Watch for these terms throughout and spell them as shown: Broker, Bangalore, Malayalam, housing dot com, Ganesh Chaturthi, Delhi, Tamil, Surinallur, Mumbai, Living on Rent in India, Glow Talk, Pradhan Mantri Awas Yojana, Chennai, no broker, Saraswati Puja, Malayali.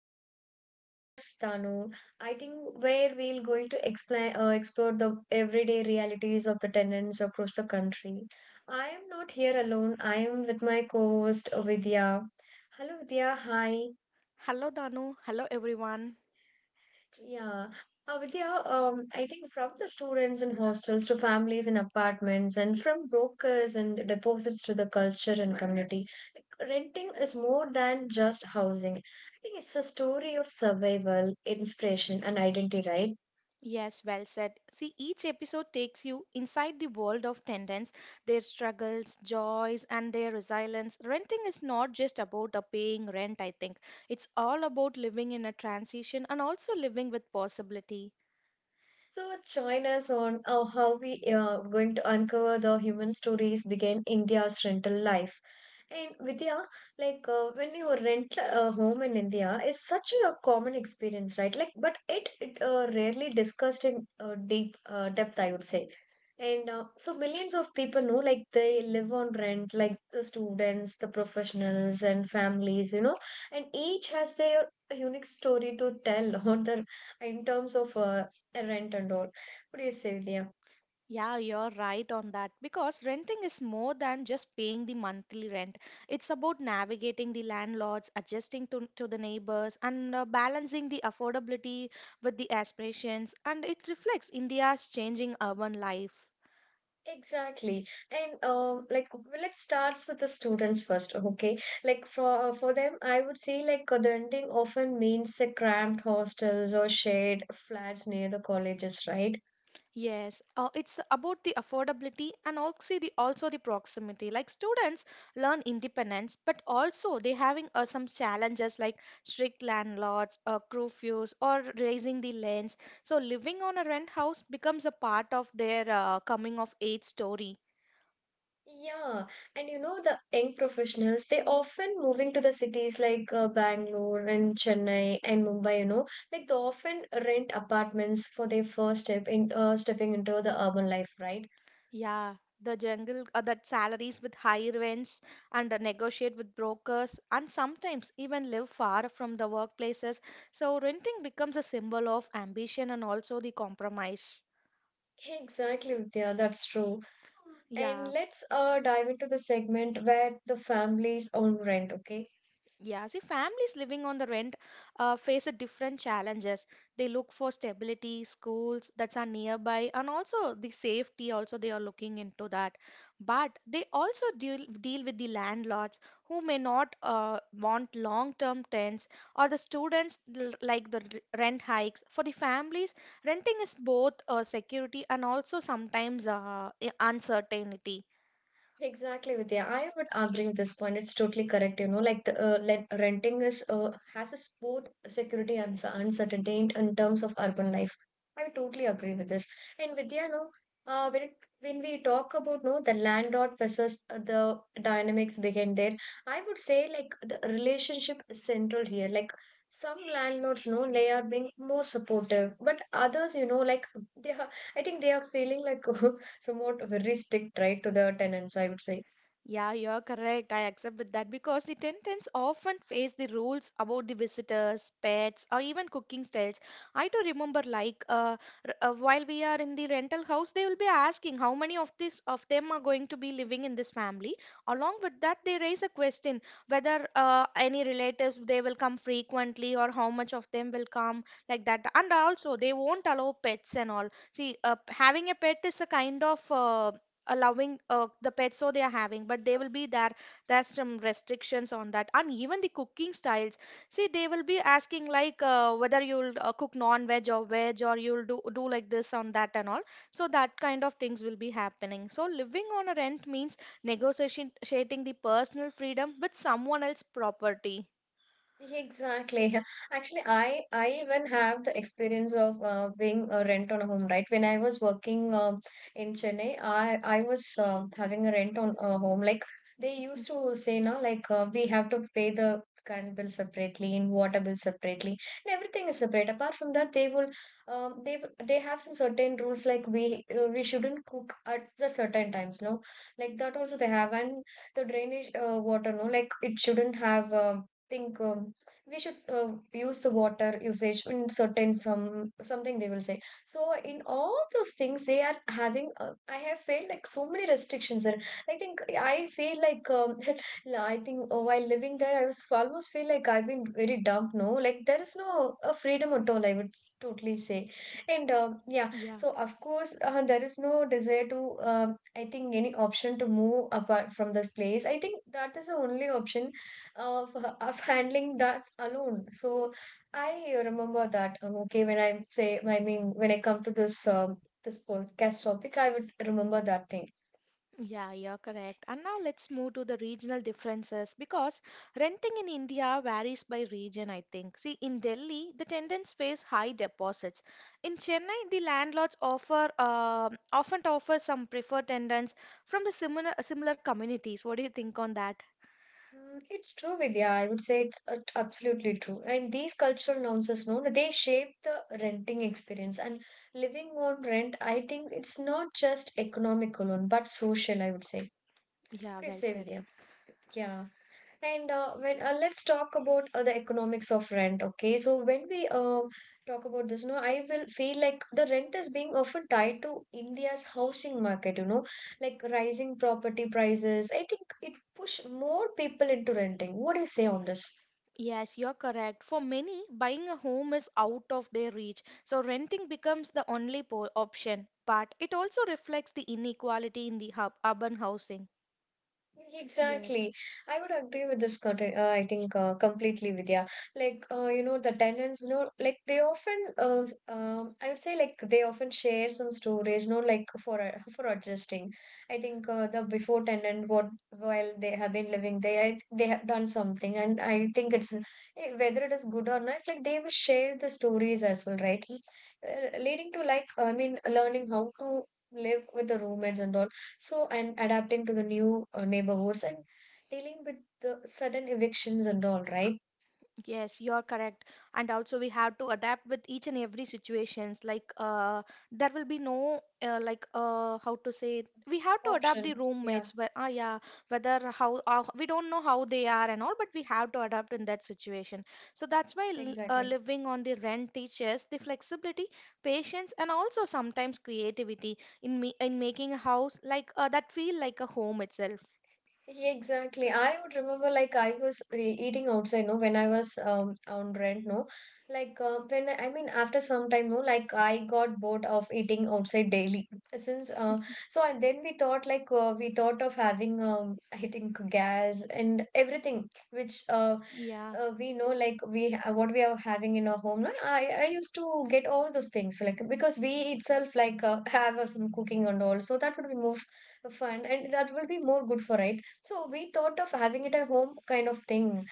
India. I'm your host Tanu. I think Where we'll going to explain explore the everyday realities of the tenants across the country. I am not here alone. I am with my co-host Vidya. Hello Vidya. Hi. Hello, Danu. Hello, everyone. Yeah. Vidya, I think from the students in hostels to families in apartments and from brokers and deposits to the culture and community, like, renting is more than just housing. I think it's a story of survival, inspiration, and identity, right? Yes, well said. See, each episode takes you inside the world of tenants, their struggles, joys, and their resilience. Renting is not just about a paying rent, I think. It's all about living in a transition and also living with possibility. So join us on how we are going to uncover the human stories behind India's rental life. And Vidya, like when you rent a home in India, is such a common experience, right? Like, but it rarely discussed in deep depth, I would say. And so millions of people know, like they live on rent, like the students, the professionals, and families, you know, and each has their unique story to tell on the in terms of rent and all. What do you say, Vidya? Yeah, you're right on that because renting is more than just paying the monthly rent. It's about navigating the landlords, adjusting to the neighbors, and balancing the affordability with the aspirations. And it reflects India's changing urban life. Exactly, and like well, it starts with the students first, okay? Like for them, I would say like the renting often means the cramped hostels or shared flats near the colleges, right? Yes, it's about the affordability and also the proximity. Like students learn independence, but also they having some challenges like strict landlords, curfews, or raising the rents. So living on a rent house becomes a part of their coming of age story. Yeah, and you know the young professionals they often moving to the cities like Bangalore and Chennai and Mumbai. You know, like they often rent apartments for their first step in stepping into the urban life, right? Yeah, the jungle that salaries with high rents and negotiate with brokers and sometimes even live far from the workplaces. So renting becomes a symbol of ambition and also the compromise. Exactly, Vidya, that's true. And Yeah. let's dive into the segment where the families own rent, okay? Yeah, see, families living on the rent face a different challenges. They look for stability, schools that are nearby, and also the safety. Also, they are looking into that. But they also deal with the landlords who may not want long-term tenants, or the students like the rent hikes. For the families, renting is both security and also sometimes uncertainty. Exactly, Vidya. I would agree with this point. It's totally correct. You know, like the like renting is has its both security and uncertainty in terms of urban life. I totally agree with this. And Vidya, no, uh, when it, when we talk about no the landlord versus the dynamics behind there, I would say like the relationship is central here. Like some landlords, no, they are being more supportive, but others, you know, like they are. I think they are feeling like somewhat very strict, right, to the tenants, I would say. Yeah, you're correct. I accept with that because the tenants often face the rules about the visitors, pets, or even cooking styles. I do remember, like, while we are in the rental house, they will be asking how many of this of them are going to be living in this family. Along with that, they raise a question whether any relatives they will come frequently or how much of them will come like that. And also, they won't allow pets and all. See, having a pet is a kind of allowing the pets so they are having, but they will be there. There's some restrictions on that. And even the cooking styles, see, they will be asking like whether you'll cook non-veg or veg, or you'll do like this on that and all. So that kind of things will be happening. So living on a rent means negotiating the personal freedom with someone else's property. Exactly. Actually, I even have the experience of being a rent on a home, right? When I was working in Chennai, I was having a rent on a home. Like they used to say, no, like we have to pay the current bill separately and water bill separately, and everything is separate. Apart from that, they have some certain rules like we shouldn't cook at the certain times, no? Like that also they have, and the drainage water, no, like it shouldn't have. Think we should use the water usage in certain some something they will say so in all those things they are having I have felt like so many restrictions there. I think I feel like I think while living there I was almost feel like I've been very dumped, no, like there is no freedom at all, I would totally say. And yeah, so of course there is no desire to I think any option to move apart from this place. I think that is the only option of handling that alone. So I remember that. Okay, when I say, I mean, when I come to this this podcast topic, I would remember that thing. Yeah, you're correct. And now let's move to the regional differences, because renting in India varies by region, I think. See, in Delhi, the tenants pays high deposits. In Chennai, the landlords offer often offer some preferred tenants from the similar communities. What do you think on that? Mm, it's true, Vidya. I would say it's absolutely true. And these cultural nuances, no, they shape the renting experience. And living on rent, I think it's not just economic alone, but social, I would say. Yeah, What do you well say, said. Vidya? Yeah. And when let's talk about the economics of rent, okay? So when we talk about this, no, I will feel like the rent is being often tied to India's housing market, you know, like rising property prices. I think it push more people into renting. What do you say on this? Yes, you're correct. For many, buying a home is out of their reach, so renting becomes the only po option. But it also reflects the inequality in the hub urban housing. Yes, Exactly. I would agree with this, I think, completely, Vidya. Like, you know, the tenants, you know, like they often, I would say, like they often share some stories, you know, like for for adjusting. I think the before tenant, what while they have been living there, they have done something, and I think it's eh, whether it is good or not, like they will share the stories as well, right? Leading to like, I mean, learning how to live with the roommates and all so, and adapting to the new neighborhoods and dealing with the sudden evictions and all, right? yes, you're correct. And also we have to adapt with each and every situations. Like there will be no, like, how to say it? We have to adapt the Option. Yeah, roommates where, yeah, whether how, we don't know how they are and all, but we have to adapt in that situation. So that's why, exactly. living on the rent teaches the flexibility, patience, and also sometimes creativity in me in making a house like, that feel like a home itself. Yeah, exactly. I would remember like I was eating outside, no, when I was on rent, no, like when I mean after some time, no, like I got bored of eating outside daily since so and then we thought like we thought of having I think gas and everything which Yeah. We know like what we are having in our home, no? I used to get all those things like because we itself like have some cooking and all, so that would be more fun and that will be more good for right. So we thought of having it at home kind of thing,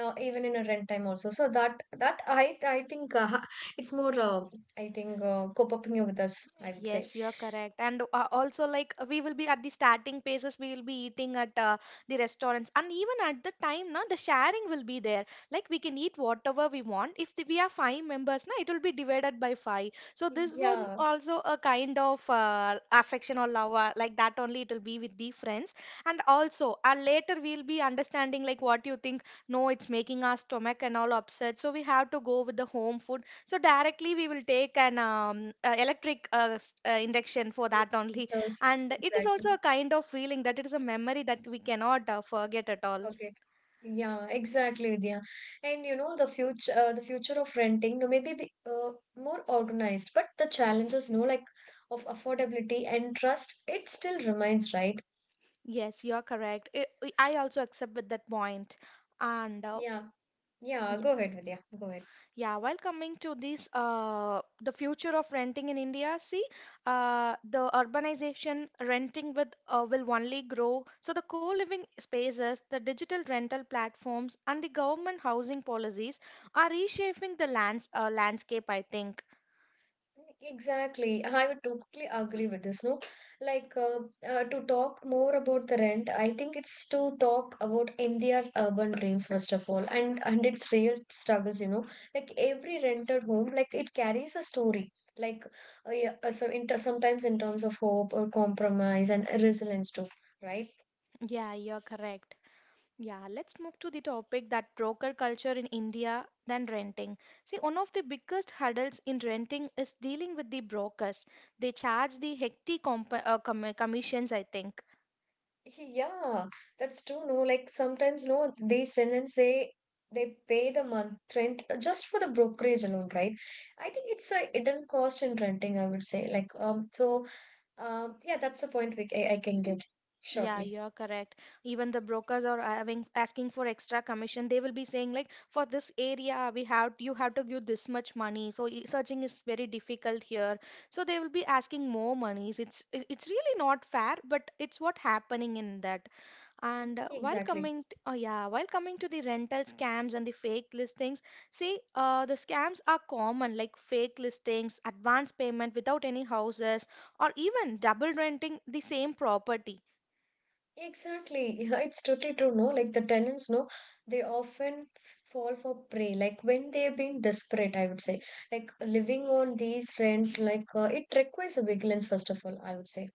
even in a rent time also. So that I think it's more I think co-oping with us, I would say. Yes, you're correct. And also, like, we will be at the starting places, we will be eating at the restaurants. And even at the time, na, the sharing will be there. Like, we can eat whatever we want. If the, We are five members, na, it will be divided by five. So, this one Yeah, also a kind of affection or love, like that only it will be with the friends. And also, later we'll be understanding, like, what you think. No, it's making our stomach and all upset. So, we have to go with the home food. So directly we will take an electric induction for it that only. does And it is exactly. also a kind of feeling that it is a memory that we cannot forget at all. Okay. Yeah, exactly, Vidya. And you know the future of renting, no, maybe be, more organized, but the challenges, no, like of affordability and trust, it still remains, right? Yes, you're correct. I also accept with that point. And Yeah, yeah. Go ahead, Vidya. Go ahead. yeah, while coming to this, the future of renting in India, see, the urbanization renting with will only grow. So the co-living spaces, the digital rental platforms, and the government housing policies are reshaping the landscape, I think. Exactly. I would totally agree with this. No, like to talk more about the rent, I think it's to talk about India's urban dreams first of all, and its real struggles. You know, like every rented home, like it carries a story. Like yeah, so in sometimes in terms of hope or compromise and resilience too, right? Yeah, you're correct. Yeah, let's move to the topic that broker culture in India than renting. See, one of the biggest hurdles in renting is dealing with the brokers. They charge the hefty comp com commissions, I think. Yeah, that's true. No, like sometimes, no, these tenants they send and say they pay the month rent just for the brokerage alone, right? I think it's a hidden cost in renting, I would say. Like, yeah, that's the point I can give Yeah, shortly. you're correct. Even the brokers are having asking for extra commission. They will be saying like, for this area, we have you have to give this much money. So searching is very difficult here. So they will be asking more monies. It's really not fair, but it's what happening in that. And Exactly. Exactly. While coming to the rental scams and the fake listings, see, the scams are common, like fake listings, advance payment without any houses, or even double renting the same property. Yeah, it's totally true. No, like the tenants, no, they often fall for prey. Like when they've been desperate, I would say, like living on these rent, like it requires a vigilance, first of all, I would say.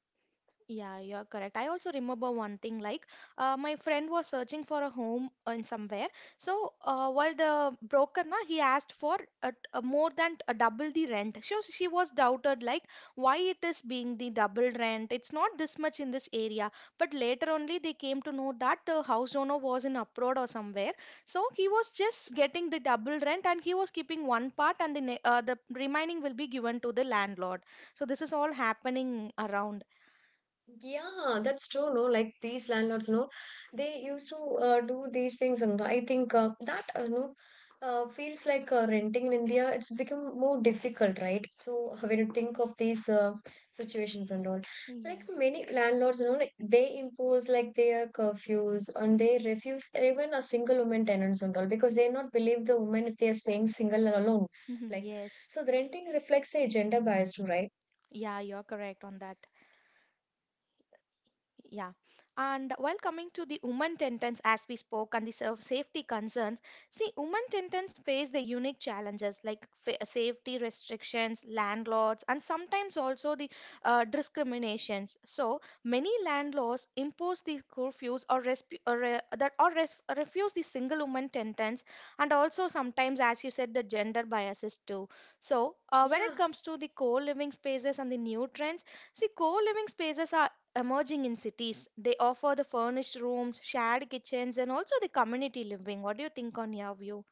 Yeah, you're correct. I also remember one thing, like, my friend was searching for a home in somewhere. So while the broker, na, he asked for a more than a double the rent. So she was doubted like why it is being the double rent. It's not this much in this area. But later only they came to know that the house owner was in abroad or somewhere. So he was just getting the double rent and he was keeping one part, and the the remaining will be given to the landlord. So this is all happening around. Yeah, that's true. No, like these landlords, no, they used to do these things, and I think that no, feels like renting in India. It's become more difficult, right? So when you think of these situations and all, like Yeah. many landlords, you know, like they impose like their curfews and they refuse even a single woman tenants and all because they not believe the woman if they are staying single and alone. Like Yes. so, the renting reflects a gender bias too, right? Yeah, you're correct on that. Yeah. And while coming to the women tentance, as we spoke, and the safety concerns, see, women tentance face the unique challenges like safety restrictions, landlords, and sometimes also the discriminations. So many landlords impose the curfews, or refuse the single woman tentance, and also sometimes, as you said, the gender biases too. So when it Yeah, comes to the co-living spaces and the new trends, see, co living spaces are emerging in cities. They offer the furnished rooms, shared kitchens, and also the community living. What do you think on your view?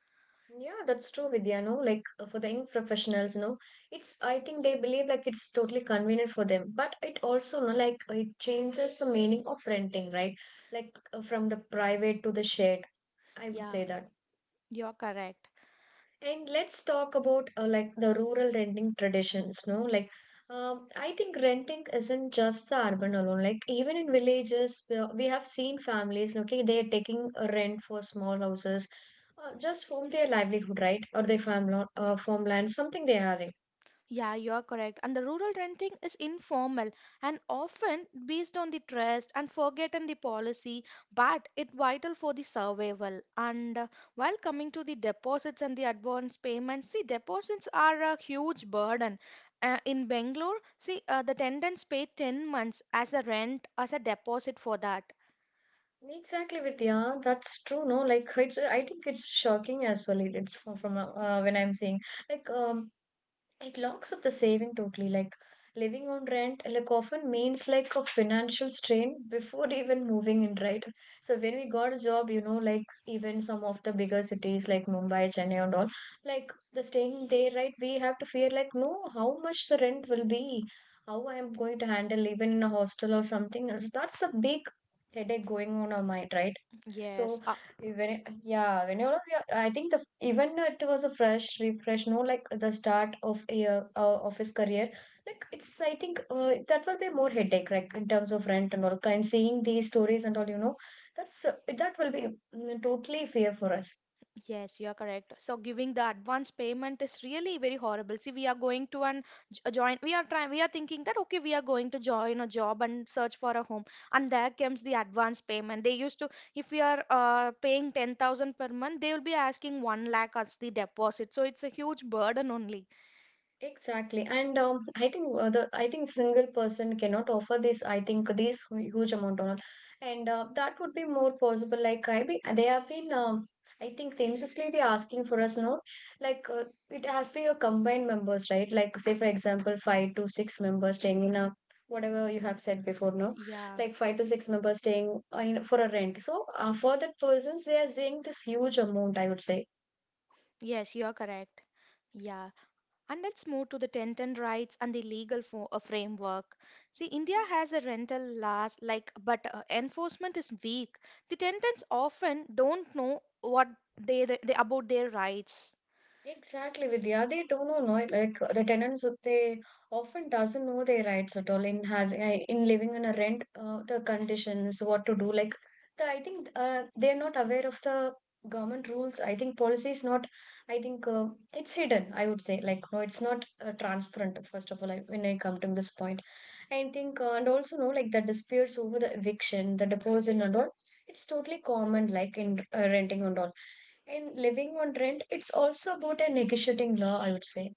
yeah, that's true, Vidya. No, like for the young professionals, no, it's I think they believe like it's totally convenient for them, but it also no like it changes the meaning of renting, right? Like from the private to the shared. I would Yeah, say that. you're correct. And let's talk about like the rural renting traditions, no? Like, I think renting isn't just the urban alone. Like, even in villages, we have seen families, okay, they're taking a rent for small houses, just from their livelihood, right? Or their farmland, something they're having. Yeah, you're correct. And the rural renting is informal and often based on the trust and forgotten the policy, but it vital for the survival. And while coming to the deposits and the advance payments, see, deposits are a huge burden. In Bangalore, see, the tenants pay 10 months as a rent, as a deposit for that. Exactly, Vidya. That's true, no? Like, it's, I think it's shocking as well. It- It's from when I'm saying, like, it locks up the saving totally. Like living on rent, like often means like a financial strain before even moving in, right? So when we got a job, you know, like even some of the bigger cities like Mumbai, Chennai, and all, like the staying there, right? We have to fear like, no, how much the rent will be, how I am going to handle even in a hostel or something else. That's a big headache going on our mind, right? So Yes, uh, when it, yeah, whenever we are, I think the even it was a fresh refresh, no, like the start of a of his career. Like it's, I think that will be more headache, like in terms of rent and all. And seeing these stories and all, that's that will be totally fair for us. yes, you are correct. So giving the advance payment is really very horrible. See, we are going to a join. We are trying. We are thinking that okay, we are going to join a job and search for a home, and there comes the advance payment. They used to, if we are paying 10,000 per month, they will be asking 1 lakh as the deposit. So it's a huge burden only. Exactly, and I think the I think single person cannot offer this. I think this huge amount on, and that would be more possible. Like I be they have been I think themselvely be asking for us now. Like it has to be a combined members, right? Like say for example, five to six members staying in a whatever you have said before, no, Yeah. like five to six members staying in for a rent. So for that persons, they are saying this huge amount, I would say. Yes, you are correct. Yeah. And let's move to the tenant rights and the legal framework. See, India has a rental laws, like, but enforcement is weak. The tenants often don't know what they about their rights. Exactly, Vidya. They don't know, no, like the tenants, they often doesn't know their rights at all in having in living in a rent, the conditions, what to do. Like, the, I think they are not aware of the government rules. I think policy is not. I think it's hidden. I would say like no, it's not transparent. First of all, I, when I come to this point, I think and also no, like the disputes over the eviction, the deposit and all. It's totally common, like in renting and all in living on rent, it's also about a negotiating law, I would say.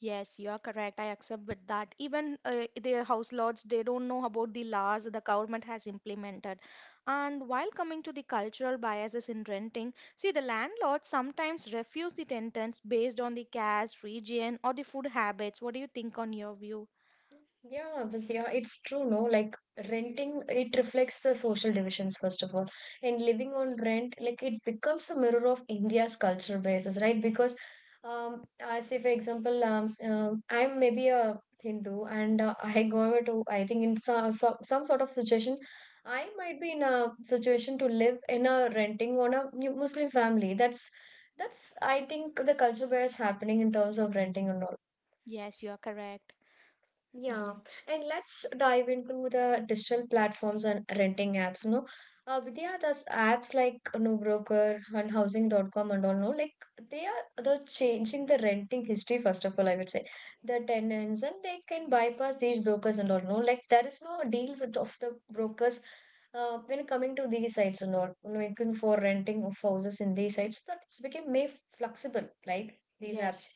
Yes, you are correct. I accept with that. Even the house lords, they don't know about the laws the government has implemented. And while coming to the cultural biases in renting, see, the landlords sometimes refuse the tenants based on the caste, region, or the food habits. What do you think on your view? Yeah, but yeah, it's true, no? Like renting, it reflects the social divisions, first of all. And living on rent, like it becomes a mirror of India's culture basis, right? Because, I say, for example, I'm maybe a Hindu and I go to, I think, in some sort of situation, I might be in a situation to live in a renting on a Muslim family. That's, I think, the culture bias happening in terms of renting and all. Yes, you are correct. Yeah, Yeah. and let's dive into the digital platforms and renting apps. Vidya, those apps like you know, Broker and housing.com and all. No, like they are the changing the renting history, first of all. I would say the tenants and they can bypass these brokers and all. No, like there is no deal with of the brokers when coming to these sites and all. You Looking for renting of houses in these sites, that became made flexible, right? These apps. Yes.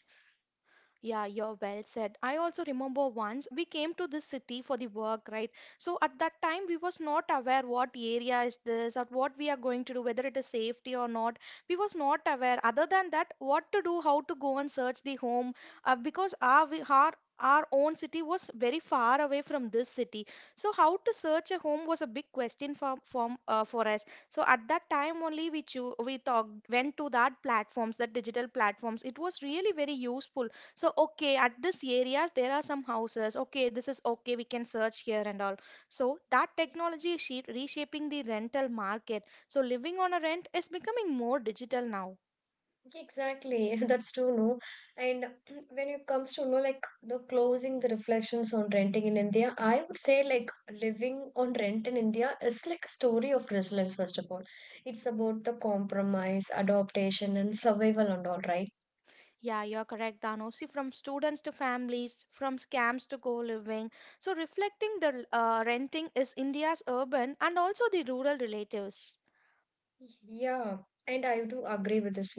Yeah, you're well said. I also remember once we came to this city for the work, right? So at that time we was not aware what area is this or what we are going to do, whether it is safety or not. We was not aware. Other than that, what to do, how to go and search the home, because our we- our own city was very far away from this city. So how to search a home was a big question for us. So at that time only we talked went to that platforms, that digital platforms. It was really very useful. So, okay, at this areas there are some houses. Okay, this is okay, we can search here and all. So, that technology is reshaping the rental market. So, living on a rent is becoming more digital now. Exactly, that's true, no. And when it comes to, no, like the closing the reflections on renting in India, I would say like living on rent in India is like a story of resilience, first of all. It's about the compromise, adaptation, and survival and all, right? Yeah, you're correct, Dano. See, from students to families, from scams to co-living. So, reflecting the renting is India's urban and also the rural relatives. Yeah, and I do agree with this.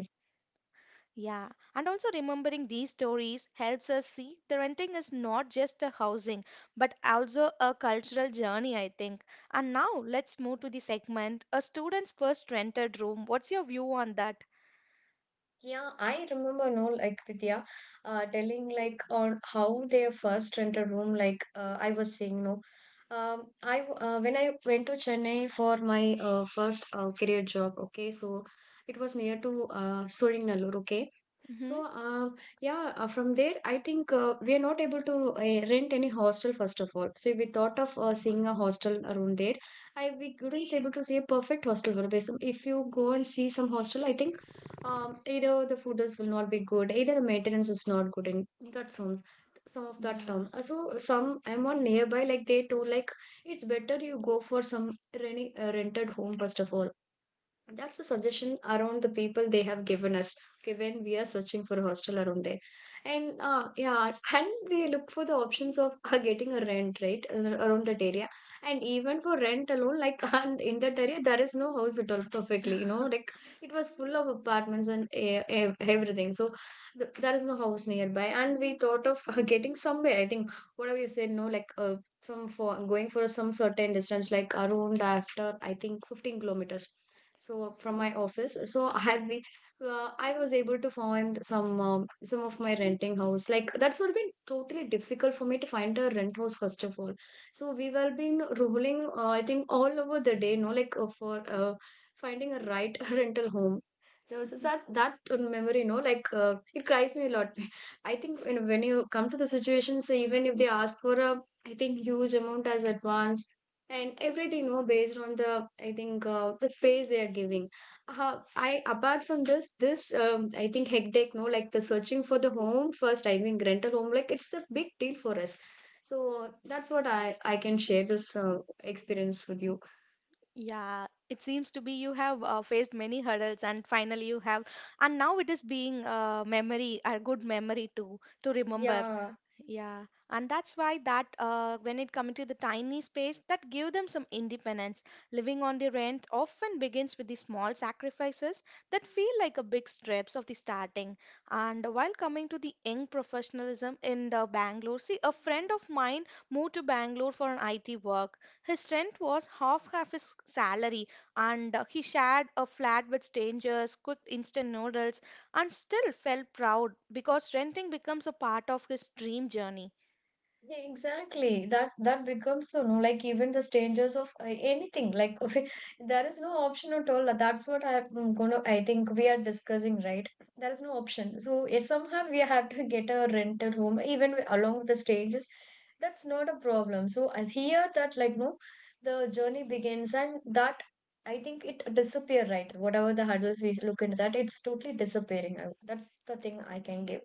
Yeah, and also remembering these stories helps us see the renting is not just a housing but also a cultural journey, I think. And now let's move to the segment A Student's First Rented Room. What's your view on that? Yeah, I remember no like Vidya telling like on how they first rented room like I was saying no when I went to Chennai for my first career job, okay, so it was near to Surinallur, okay. Hmm. So yeah, from there I think we are not able to rent any hostel, first of all, so we thought of seeing a hostel around there. I we couldn't able to see a perfect hostel, but if you go and see some hostel, I think either the photos will not be good, either the maintenance is not good, and that sounds some of that Yeah. term. So some am on nearby, like they told, like it's better you go for some renting rented home, first of all. That's the suggestion around the people they have given us. Okay, when we are searching for a hostel around there, and yeah, and we look for the options of getting a rent right around that area, and even for rent alone, like and in that area there is no house at all. Perfectly, you know, like it was full of apartments and everything. So th there is no house nearby, and we thought of getting somewhere. I think whatever you said, no, like some for going for some certain distance, like around after I think 15 kilometers. So from my Oh, office, so I have been I was able to find some of my renting house, like that's what been totally difficult for me to find a rent house, first of all. So we were been rolling I think all over the day, no like for finding a right rental home. There was that that memory no like it cries me a lot. I think when you come to the situations, even if they ask for a I think huge amount as advance and everything, you know, based on the I think the space they are giving. I apart from this this I think hectic no like the searching for the home, first I think rental home, like it's the big deal for us. So that's what i can share this experience with you. yeah, it seems to be you have faced many hurdles and finally you have, and now it is being a memory, a good memory to remember. Yeah. Yeah, and that's why that when it comes to the tiny space that give them some independence, living on the rent often begins with the small sacrifices that feel like a big strips of the starting. And while coming to the young professionalism in the Bangalore, see a friend of mine moved to Bangalore for an IT work. His rent was half his salary, and he shared a flat with strangers, cooked instant noodles, and still felt proud because renting becomes a part of his dream journey. Yeah, exactly. That that becomes so no, like even the strangers of anything. Like there is no option at all. That's what I'm gonna. I think we are discussing right. There is no option. So eh, somehow we have to get a rented home, even along with the strangers. That's not a problem. So I hear that like no, the journey begins, and that I think it disappear right. Whatever the hurdles we look into that, it's totally disappearing. I- That's the thing I can give.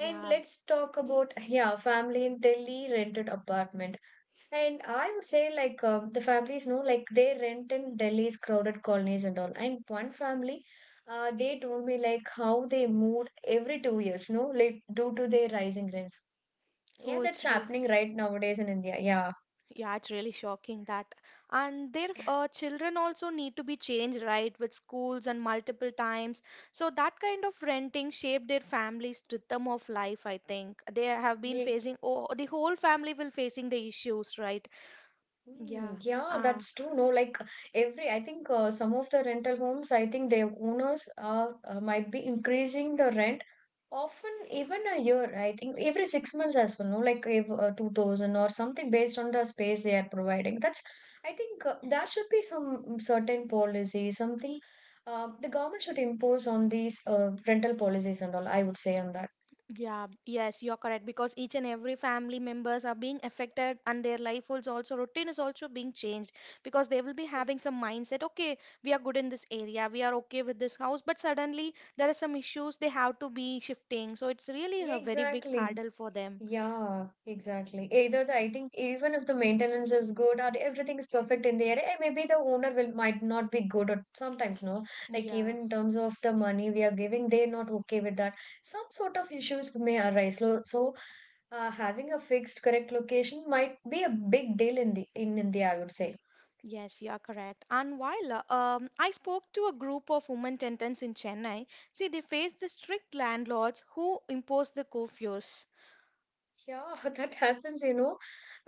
And let's talk about yeah, family in Delhi rented apartment. And I would say like the families know like they rent in Delhi's crowded colonies and all. And one family, they told me like how they moved every 2 years, no, like due to their rising rents. Yeah, oh, that's happening right nowadays in India. Yeah. yeah, it's really shocking that. And their children also need to be changed, right, with schools and multiple times. So that kind of renting shaped their family's rhythm of life, I think. They have been Yeah. facing, oh, the whole family will facing the issues, right? Yeah. Hmm, yeah, Uh, that's true. No, like every, I think some of the rental homes, I think their owners are might be increasing the rent often, even a year, I think every 6 months as well, no, like if, 2000 or something based on the space they are providing. That's, I think, that should be some certain policy, something the government should impose on these rental policies and all, I would say on that. yeah, yes, you're correct because each and every family members are being affected and their life is also routine is also being changed because they will be having some mindset, okay, we are good in this area, we are okay with this house, but suddenly there are some issues they have to be shifting. So it's really Yeah, a very big exactly. hurdle for them. Yeah, exactly. Either the, I think, even if the maintenance is good or everything is perfect in the area, eh, maybe the owner will might not be good or sometimes no. Like Yeah, even in terms of the money we are giving, they're not okay with that. Some sort of issues may arise. So having a fixed correct location might be a big deal in the in India, I would say. yes, you are correct. And while I spoke to a group of women tenants in Chennai, see, they face the strict landlords who impose the curfews. Yeah, that happens, you know.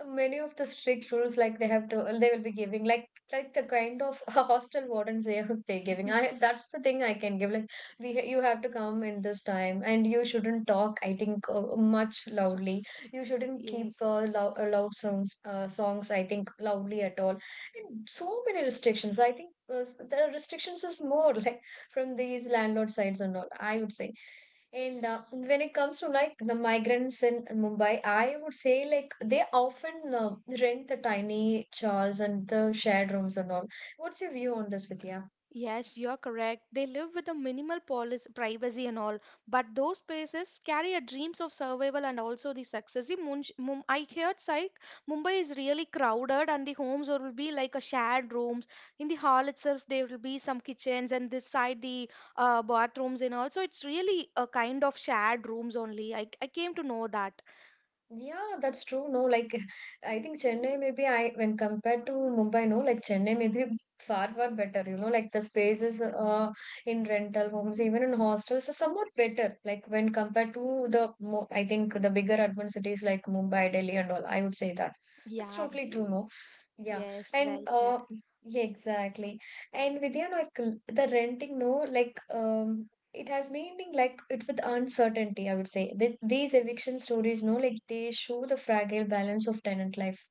Many of the strict rules, like they have to, they will be giving, like the kind of hostel wardens they are they giving. I that's the thing I can give. Like we, ha- you have to come in this time, and you shouldn't talk. I think much loudly. You shouldn't keep Yes. Loud songs. I think loudly at all. And so many restrictions. I think the restrictions is more like from these landlord sides and all, I would say. And when it comes to like the migrants in Mumbai, I would say like they often rent the tiny chars and the shared rooms and all. What's your view on this, Vidya? Yes, you are correct. They live with a minimal privacy and all, but those spaces carry a dreams of survival and also the success. See, I heard like Mumbai is really crowded, and the homes will be like a shared rooms. In the hall itself, there will be some kitchens, and this side the bathrooms and all. So it's really a kind of shared rooms only. I came to know that. Yeah, that's true. No, like I think Chennai maybe I when compared to Mumbai, no, like Chennai maybe far far better. You know, like the spaces in rental homes, even in hostels, is somewhat better. Like when compared to the mo I think the bigger urban cities like Mumbai, Delhi, and all. I would say that that's Yeah. totally true. No, yeah, Yes. Well and said. yeah, exactly. And Vidya, like the renting, no, like it has made me like it with uncertainty, I would say. These eviction stories no like they show the fragile balance of tenant life,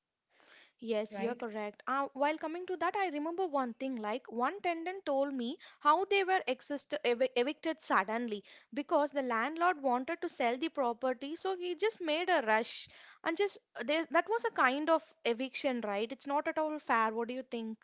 Yes, you're right. correct. While coming to that, I remember one thing. Like one tenant told me how they were evicted suddenly because the landlord wanted to sell the property, so he just made a rush and just there. That was a kind of eviction, right? It's not at all fair. What do you think?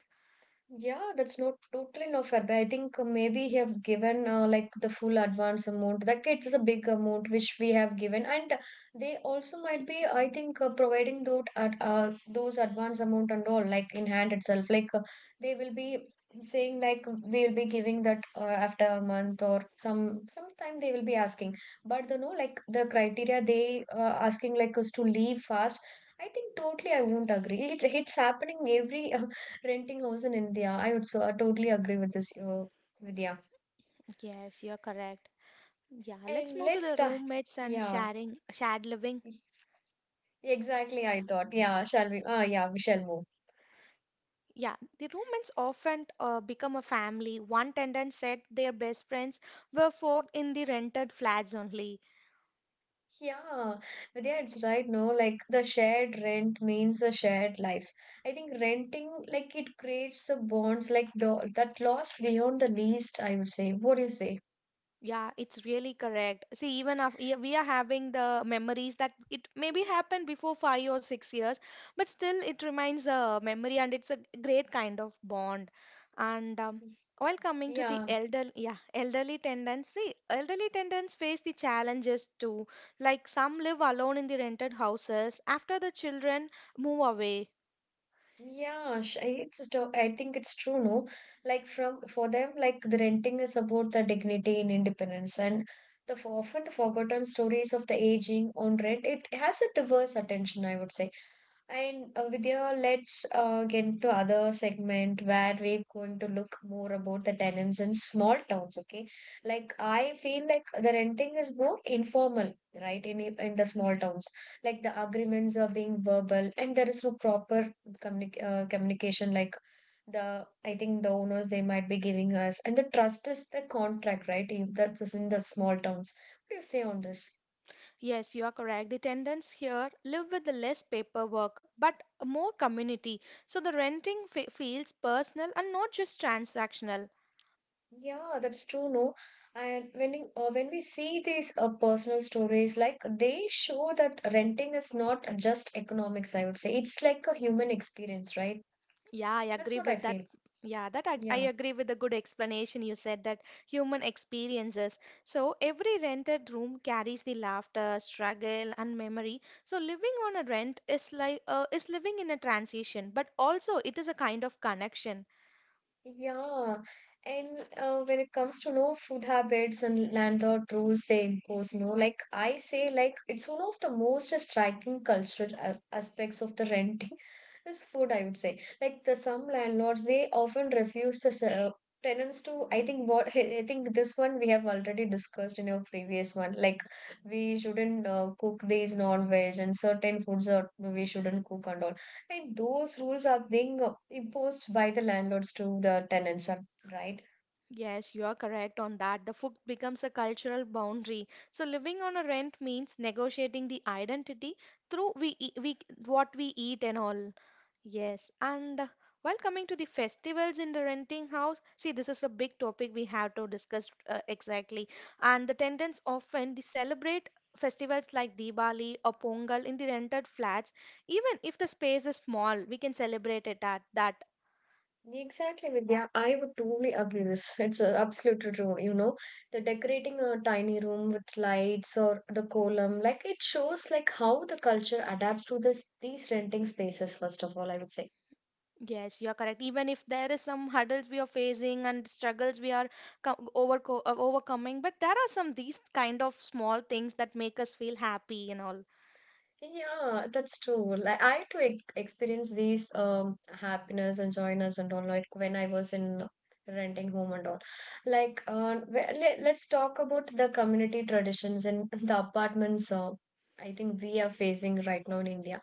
Yeah, that's not totally no fair. But I think maybe he have given like the full advance amount. That it's a big amount which we have given, and they also might be, I think, providing those at those advance amount and all like in hand itself. Like they will be saying like we will be giving that after a month or some sometime they will be asking. But the no like the criteria they asking like us to leave fast. I think totally I won't agree. It's happening every renting house in India. I would so I totally agree with this, Vidya. Yes, you're correct. Yeah, let's And move to let's the start. roommates and Yeah, sharing, shared living. exactly. I thought. Yeah, shall we? Yeah, we shall move. Yeah, the roommates often become a family. One tenant said their best friends were forked in the rented flats only. Yeah, Vidya, it's right. No, like the shared rent means the shared lives. I think renting, like it creates the bonds, like do that lost beyond the least, I would say. What do you say? Yeah, it's really correct. See, even if yeah, we are having the memories that it maybe happened before 5 or 6 years, but still it remains a memory and it's a great kind of bond. And while coming to the Yeah. Elderly elderly tendencies face the challenges too. Like some live alone in the rented houses after the children move away. I think it's true, no? Like from for them, like the renting is about the dignity and independence, and often the forgotten stories of the aging on rent. It has a diverse attention, I would say. And Vidya, let's get into other segment where we're going to look more about the tenants in small towns. Okay, like I feel like the renting is more informal, right? In in the small towns, like the agreements are being verbal, and there is no proper communication. Like the I think the owners they might be giving us, and the trust is the contract, right? That's in the small towns. What do you say on this? Yes, you are correct. The tenants here live with the less paperwork but more community. So the renting fe feels personal and not just transactional. Yeah, that's true, no. And when we see these personal stories, like they show that renting is not just economics, I would say. It's like a human experience, right? Yeah, I That's agree what I with that. feel. Yeah, that I Yeah. agree with the good explanation you said that human experiences. So every rented room carries the laughter, struggle, and memory. So living on a rent is is living in a transition, but also it is a kind of connection. Yeah, and when it comes to no food habits and landlord rules they impose, no, like I say, like it's one of the most striking cultural aspects of the renting is food, I would say. Like the some landlords, they often refuse the tenants to. I think what I think this one we have already discussed in your previous one. Like we shouldn't cook these non-veg and certain foods that we shouldn't cook and all. And those rules are being imposed by the landlords to the tenants, right? Yes, you are correct on that. The food becomes a cultural boundary. So living on a rent means negotiating the identity through we what we eat and all. Yes, and while coming to the festivals in the renting house, see this is a big topic we have to discuss exactly. And the tenants often they celebrate festivals like Diwali or Pongal in the rented flats. Even if the space is small, we can celebrate it at that. Exactly, Vidya. I would totally agree this. It's an absolute true. You know, the decorating a tiny room with lights or the column, like it shows like how the culture adapts to this these renting spaces, first of all, I would say. Yes, you are correct. Even if there is some hurdles we are facing and struggles we are overcoming, but there are some these kind of small things that make us feel happy and all. Yeah, that's true. Like I too ex experience these happiness and joyness and all like when I was in renting home and all. Like let's talk about the community traditions in the apartments I think we are facing right now in India.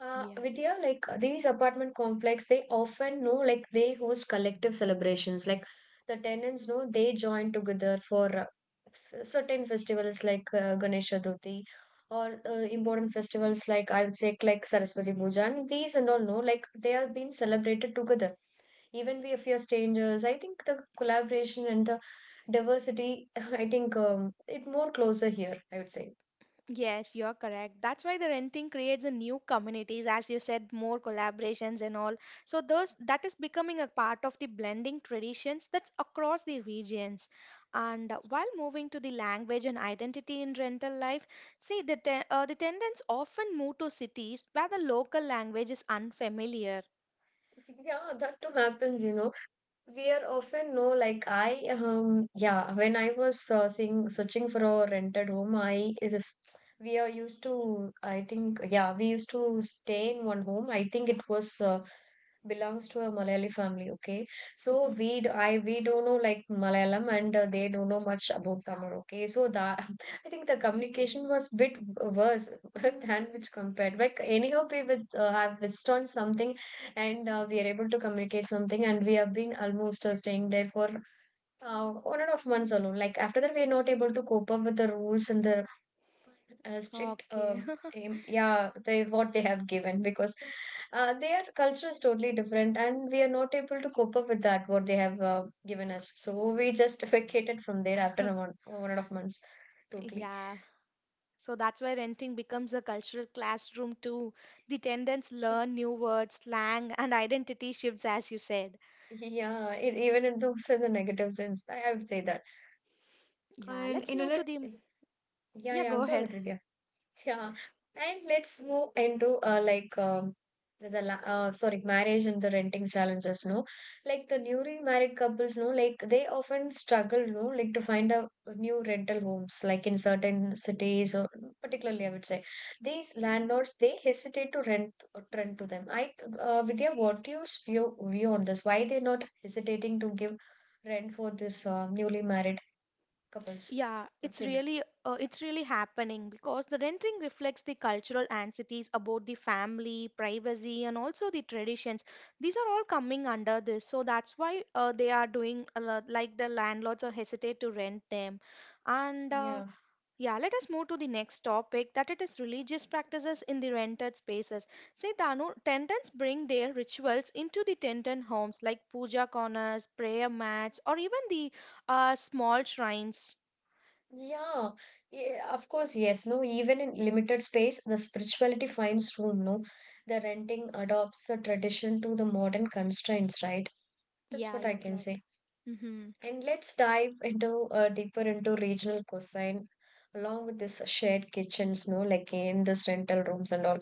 Yeah. Vidya, like these apartment complex, they often know like they host collective celebrations. Like the tenants know they join together for certain festivals like Ganesh Chaturthi or important festivals like I would say like Saraswati Puja and these and all no like they are being celebrated together. Even we, if we are strangers, I think the collaboration and the diversity, I think it more closer here, I would say. Yes, you're correct. That's why the renting creates a new communities, as you said, more collaborations and all. So those that is becoming a part of the blending traditions that's across the regions. And while moving to the language and identity in rental life, see the tenants often move to cities where the local language is unfamiliar. Yeah, that too happens, you know. We are often no like I yeah when I was searching for a rented home we are used to I think yeah we used to stay in one home I think it was belongs to a Malayali family. Okay, so Mhm. I we don't know like Malayalam and they don't know much about Tamil. Okay, so that I think the communication was bit worse than which compared. But anyhow, we with have visited on something, and we are able to communicate something, and we have been almost staying there for 1.5 months alone. Like after that, we are not able to cope up with the rules and the strict Okay. Yeah they what they have given because their culture is totally different and we are not able to cope up with that what they have given us, so we just vacated from there after 1.5 months totally. Yeah. So that's why renting becomes a cultural classroom too. The tenants learn new words, slang, and identity shifts, as you said. Yeah it, even in those in the negative sense I would say that. Yeah, And let's in a move to the. lit- Yeah, Yeah, yeah, go go ahead. ahead Vidya. Yeah, and let's move into like sorry, marriage and the renting challenges. No, like the newly married couples, no, like they often struggle, no, like to find a new rental homes, like in certain cities or particularly, I would say these landlords they hesitate to rent to them. I, Vidya, what do you view on this? Why they're not hesitating to give rent for this newly married couples? Yeah, What's your view? It's really happening because the renting reflects the cultural anxieties about the family, privacy, and also the traditions. These are all coming under this, so that's why they are doing a lot, like the landlords are hesitate to rent them, and Yeah. yeah, let us move to the next topic that it is religious practices in the rented spaces. See, Danu, tenants bring their rituals into the tenant homes like puja corners, prayer mats, or even the small shrines. Yeah, yeah, of course, yes. No, even in limited space, the spirituality finds room. No, the renting adopts the tradition to the modern constraints, right? That's Yeah, what I you're can correct. say. Mhm. And let's dive into deeper into regional cuisine, along with this shared kitchens, no, like in this rental rooms and all,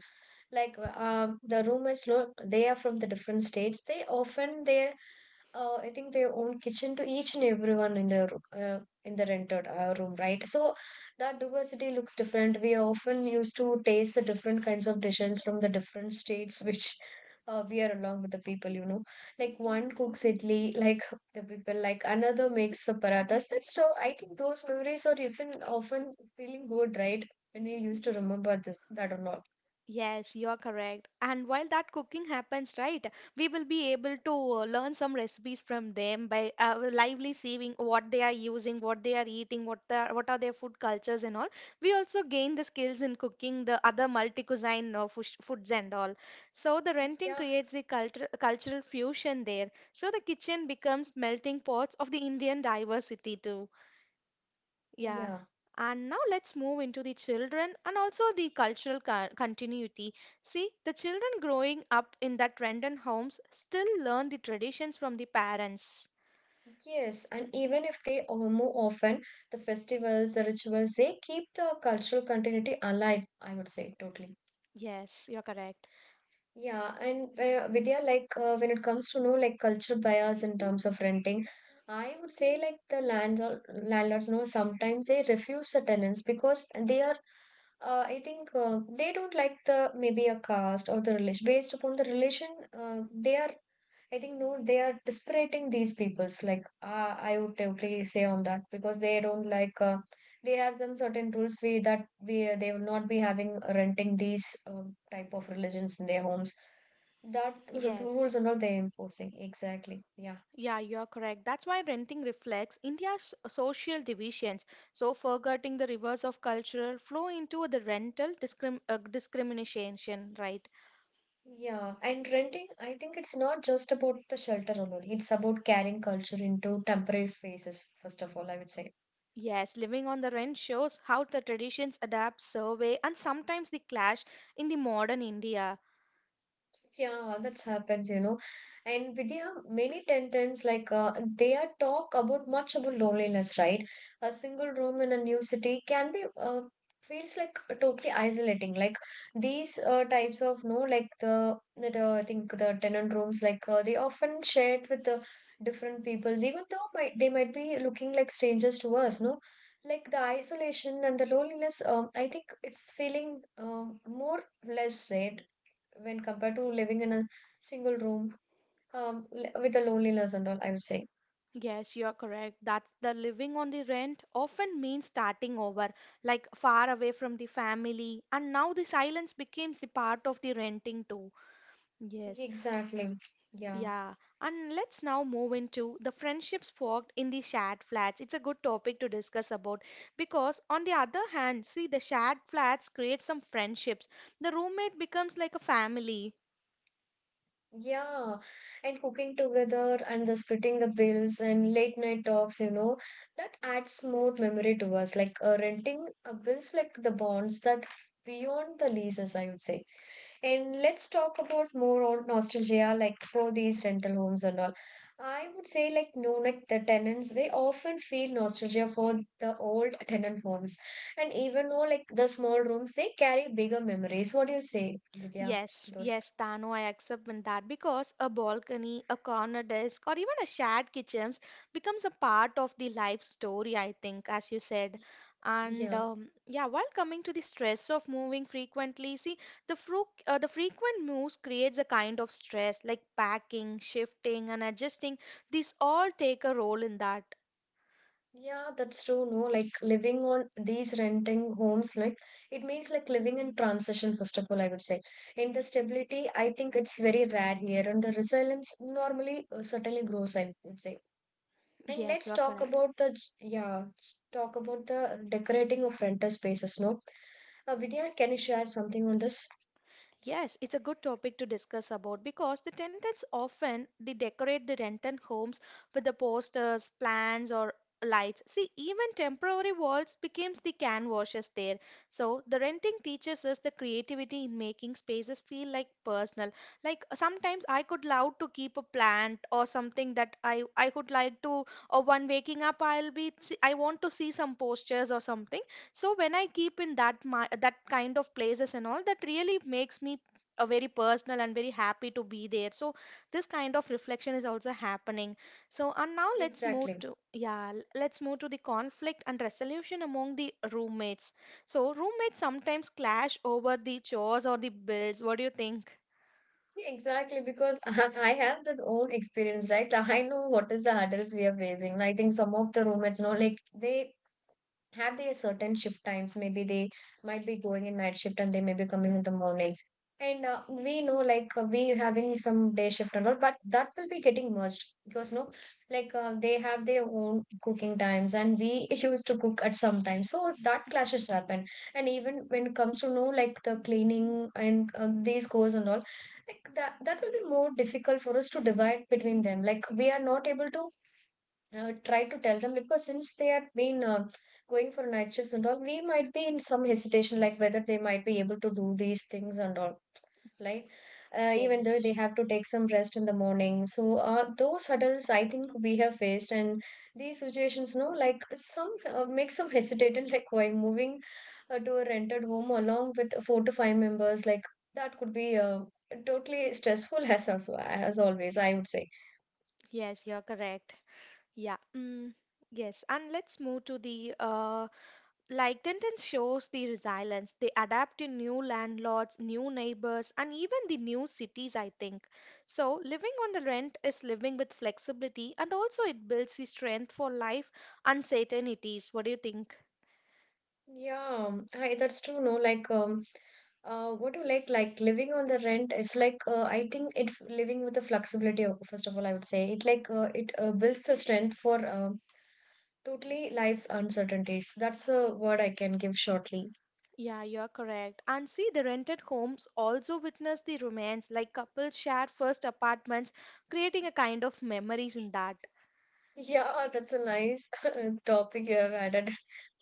like the roommates look they are from the different states, they often their I think their own kitchen to each and everyone in the in the rented room, right? So that diversity looks different, we often used to taste the different kinds of dishes from the different states which we are along with the people, you know, like one cooks idli, like the people like another makes the parathas, that's so I think those memories are even often feeling good, right, when we used to remember this that or not. Yes, you are correct. And while that cooking happens, right, we will be able to learn some recipes from them by lively seeing what they are using, what they are eating, what are their food cultures and all. We also gain the skills in cooking the other multi-cuisine foods and all. So the renting Yeah. creates the cultural fusion there. So the kitchen becomes melting pots of the Indian diversity too. Yeah, Yeah, and now let's move into the children and also the continuity. See, the children growing up in that rented homes still learn the traditions from the parents. yes, and even if they move often, the festivals, the rituals, they keep the cultural continuity alive, I would say, totally. Yes, you're correct. Yeah, and Vidya, like when it comes to know like culture bias in terms of renting, I would say like the landlords, know, sometimes they refuse the tenants because they are I think they don't like the maybe a caste or the relation based upon the relation they are I think no, they are disparaging these peoples. Like I would totally say on that because they don't like they have some certain rules we that we they will not be having renting these type of religions in their homes. That rules Yes. are not they imposing exactly. Yeah, Yeah, you're correct. That's why renting reflects India's social divisions. So, forgetting the reverse of cultural flow into the rental discrim discrimination, right? yeah. And renting, I think it's not just about the shelter alone. It's about carrying culture into temporary phases, first of all, I would say. Yes, living on the rent shows how the traditions adapt, survey, and sometimes they clash in the modern India. Yeah, that happens, you know. And Vidya, many tenants like they are talk about much about loneliness, right? A single room in a new city can be feels like totally isolating. Like these types of no, like the that I think the tenant rooms like they often shared with the different peoples, even though might they might be looking like strangers to us, no? Like the isolation and the loneliness, I think it's feeling more less, right? When compared to living in a single room with the loneliness and all, I would say. Yes, you are correct. That's the living on the rent often means starting over, like far away from the family, and now the silence becomes the part of the renting too. Yes, Exactly. Yeah. yeah, and let's now move into the friendships forged in the shared flats. It's a good topic to discuss about because, on the other hand, see the shared flats create some friendships. The roommate becomes like a family. Yeah. And cooking together and the splitting the bills and late night talks, you know, that adds more memory to us. Like renting bills, like the bonds that beyond the leases, I would say. And let's talk about more on nostalgia, like for these rental homes and all. I would say, like, no, like the tenants, they often feel nostalgia for the old tenant homes. And even though, like, the small rooms, they carry bigger memories. What do you say, Vidya? Yes, Those, yes, Tano, I accept with that because a balcony, a corner desk, or even a shared kitchens becomes a part of the life story, I think, as you said. And yeah. Yeah, while coming to the stress of moving frequently, see, the frequent moves creates a kind of stress, like packing, shifting, and adjusting. These all take a role in that. Yeah, that's true. No, like living on these renting homes, like it means like living in transition, first of all, I would say. In the stability, I think it's very rare here, and the resilience normally certainly grows, I would say. And Yes, let's you're talk correct. about the yeah, talk about the decorating of rental spaces. No, Vidya, can you share something on this? Yes, it's a good topic to discuss about because the tenants often they decorate the rented homes with the posters, plans, or lights. See, even temporary walls becomes the canvases there. So the renting teaches us the creativity in making spaces feel like personal. Like sometimes I could love to keep a plant or something that I could like to. Or one waking up I'll I want to see some postures or something, so when I keep in that my, that kind of places and all, that really makes me a very personal and very happy to be there. So this kind of reflection is also happening. So and now let's move Exactly. to let's move to the conflict and resolution among the roommates. So roommates sometimes clash over the chores or the bills. What do you think? Exactly, because I have that own experience, right? I know what is the hurdles we are facing. I think some of the roommates, you know, like they have their certain shift times, maybe they might be going in night shift and they may be coming in the morning, and we know like we having some day shift and all, but that will be getting merged because no like they have their own cooking times and we used to cook at some time, so that clashes happen. And even when it comes to know like the cleaning and these goes and all, like that will be more difficult for us to divide between them, like we are not able to try to tell them because since they have been going for night shifts and all, we might be in some hesitation like whether they might be able to do these things and all, right? Even though they Yes. have to take some rest in the morning. So, those hurdles I think we have faced, and these situations, no, like some make some hesitant, like why moving to a rented home along with four to five members, like that could be totally stressful as always, I would say. Yes, you're correct. yeah mm, yes, and let's move to the like Tintin shows the resilience. They adapt to new landlords, new neighbors, and even the new cities, I think. So, living on the rent is living with flexibility and also it builds the strength for life uncertainties. What do you think? Yeah, that's true. No, like, what do you like? Like living on the rent is like, I think it living with the flexibility. First of all, I would say it like it builds the strength for totally life's uncertainties. That's a word I can give shortly. Yeah, you're correct. And see, the rented homes also witness the romance, like couples share first apartments, creating a kind of memories in that. Yeah, that's a nice topic you have added.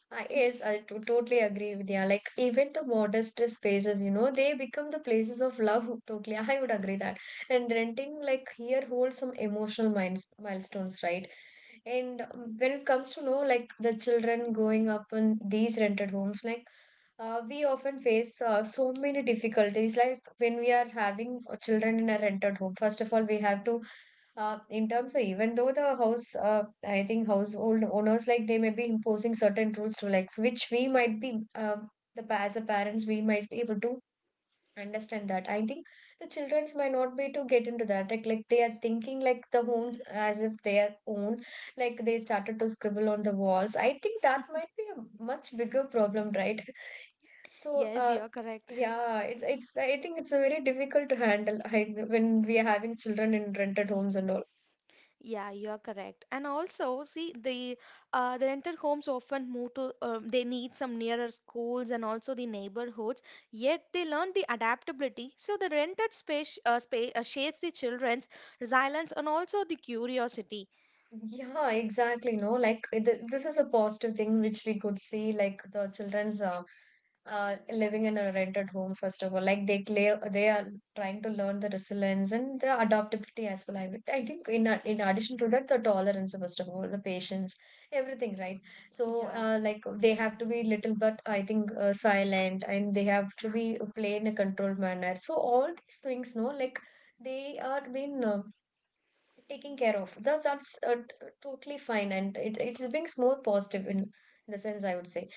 Yes, I totally agree with you. Like even the modest spaces, you know, they become the places of love. Totally, I would agree that. And renting like here holds some emotional minds milestones, right? And when it comes to know like the children growing up in these rented homes, like we often face so many difficulties. Like when we are having children in a rented home, first of all, we have to, in terms of even though the house, I think household owners like they may be imposing certain rules to like which we might be the as a parents we might be able to understand that, I think the children's might not be to get into that like they are thinking like the homes as if they are own, like they started to scribble on the walls. I think that might be a much bigger problem, right? So Yes, you're correct. yeah, it's I think it's a very difficult to handle. When we are having children in rented homes and all. Yeah, you're correct. And also, see, the rented homes often move to they need some nearer schools and also the neighborhoods. Yet they learn the adaptability. So the rented space shapes the children's resilience and also the curiosity. Yeah, exactly. No, like this is a positive thing which we could see, like the children's living in a rented home, first of all, like they play, they are trying to learn the resilience and the adaptability as well. I think in in addition to that, the tolerance, first of all, the patience, everything, right? So, Yeah. Like they have to be little but I think silent, and they have to be play in a controlled manner. So all these things, no, like they are being. Taking care of. That's totally fine, and it is being more positive in the sense I would say.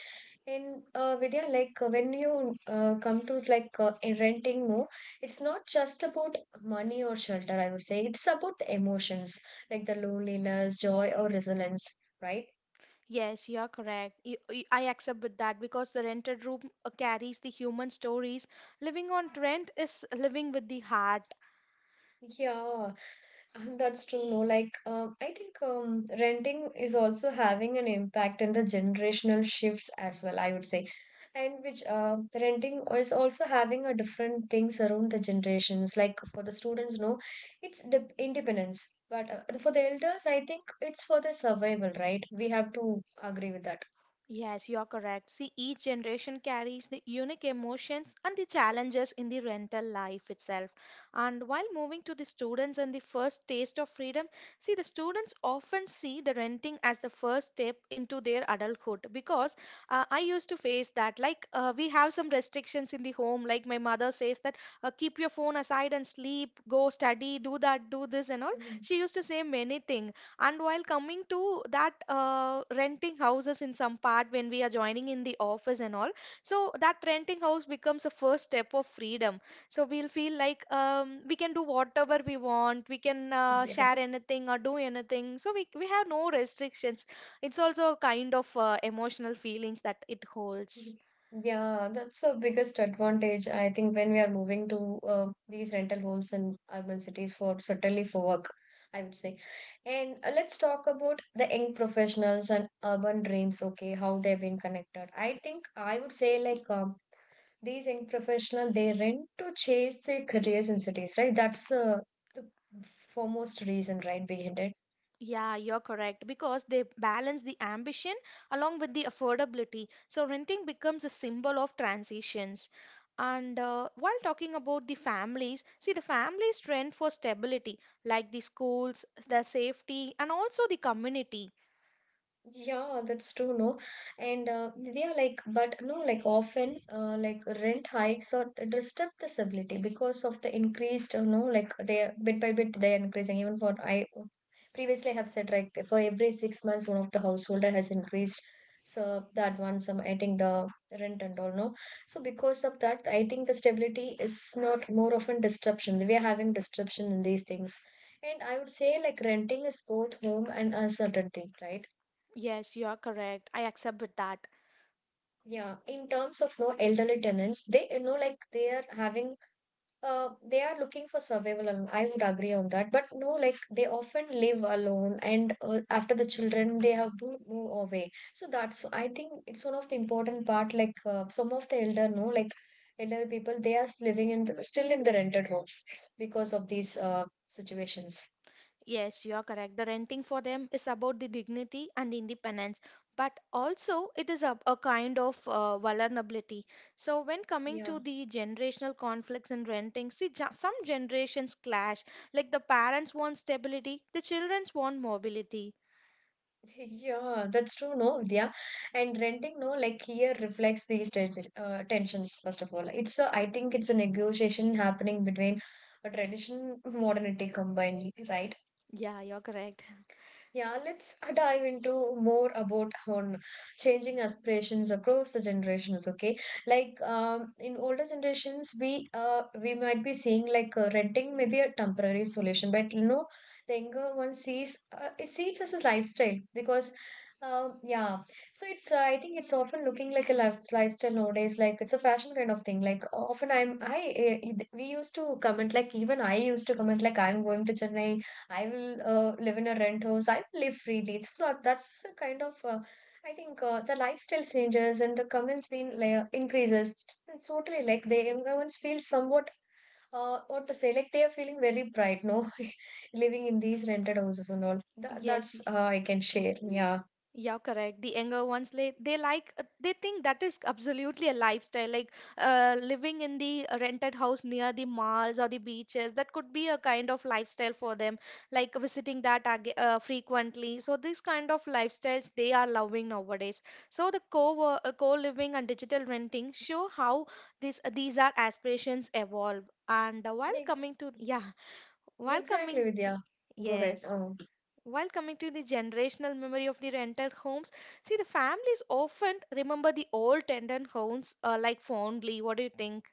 And Vidya, like when you come to like in renting more, it's not just about money or shelter. I would say it's about the emotions, like the loneliness, joy, or resilience. Right? Yes, you're correct. I accept with that because the rented room carries the human stories. Living on rent is living with the heart. Yeah. That's true. No, like I think renting is also having an impact in the generational shifts as well. I would say, and which the renting is also having a different things around the generations. Like for the students, no, it's the independence, but for the elders, I think it's for the survival. Right? We have to agree with that. Yes, you're correct. See, each generation carries the unique emotions and the challenges in the rental life itself. And while moving to the students and the first taste of freedom, see, the students often see the renting as the first step into their adulthood because I used to face that. Like, we have some restrictions in the home. Like, my mother says that keep your phone aside and sleep, go study, do that, do this, and all. Mhm. She used to say many things. And while coming to that renting houses in some part when we are joining in the office and all, so that renting house becomes a first step of freedom. So we'll feel like we can do whatever we want, we can Yeah. share anything or do anything. So we have no restrictions. It's also a kind of emotional feelings that it holds. Yeah, that's the biggest advantage. I think when we are moving to these rental homes in urban cities for certainly for work, I would say. And let's talk about the young professionals and urban dreams. Okay, how they've been connected. I think I would say like these young professional they rent to chase their careers in cities, right? That's the foremost reason, right, behind it. Yeah, you're correct because they balance the ambition along with the affordability. So renting becomes a symbol of transitions. And while talking about the families, see the families rent for stability, like the schools, their safety, and also the community. Yeah, that's true, no? And they are like, but no, like often, like rent hikes or disturb the stability because of the increased, you know, like they are- bit by bit they are increasing. Even for I previously have said, like for every 6 months, one of the householder has increased. So that one, some I think the rent and all, no. So because of that, I think the stability is not more often disruption. We are having disruption in these things. And I would say like renting is both home and uncertainty, right? Yes, you are correct. I accept with that. Yeah, in terms of no elderly tenants, they you know like they are having they are looking for survival alone. I would agree on that. But no, like they often live alone and after the children they have to move away. So that's I think it's one of the important part like some of the elder no like elderly people they are living in the, still in the rented homes because of these situations. Yes, you are correct. The renting for them is about the dignity and independence, but also it is a kind of vulnerability. So, when coming Yeah. to the generational conflicts in renting, see, some generations clash. Like the parents want stability, the children want mobility. Yeah, that's true, no, Vidya. And renting, no, like here reflects these tensions, first of all. It's a, I think it's a negotiation happening between a tradition modernity combined, right? Yeah, you're correct. Yeah, let's dive into more about on changing aspirations across the generations. Okay, like in older generations, we might be seeing like renting maybe a temporary solution, but you know, the younger one sees it sees as a lifestyle because. Yeah, so it's I think it's often looking like a lifestyle nowadays. Like it's a fashion kind of thing. Like often I'm I we used to comment like even I used to comment like I'm going to Chennai. I will live in a rent house. I will live freely. So that's the kind of, I think the lifestyle changes and the comments being like, increases. It's totally like the younger ones feel somewhat, what to say, like they are feeling very pride, no, living in these rented houses and all. Yes, That's I can share. Yeah. yeah, correct. The younger ones, they like, they think that is absolutely a lifestyle. Like living in the rented house near the malls or the beaches, that could be a kind of lifestyle for them. Like visiting that frequently. So these kind of lifestyles they are loving nowadays. So the co co-living and digital renting show how this these are aspirations evolve. And while Like, coming to yeah, while exactly, coming the Vidya. Go ahead. yes. While coming to the generational memory of the rented homes, see the families often remember the old tenant homes like fondly. What do you think?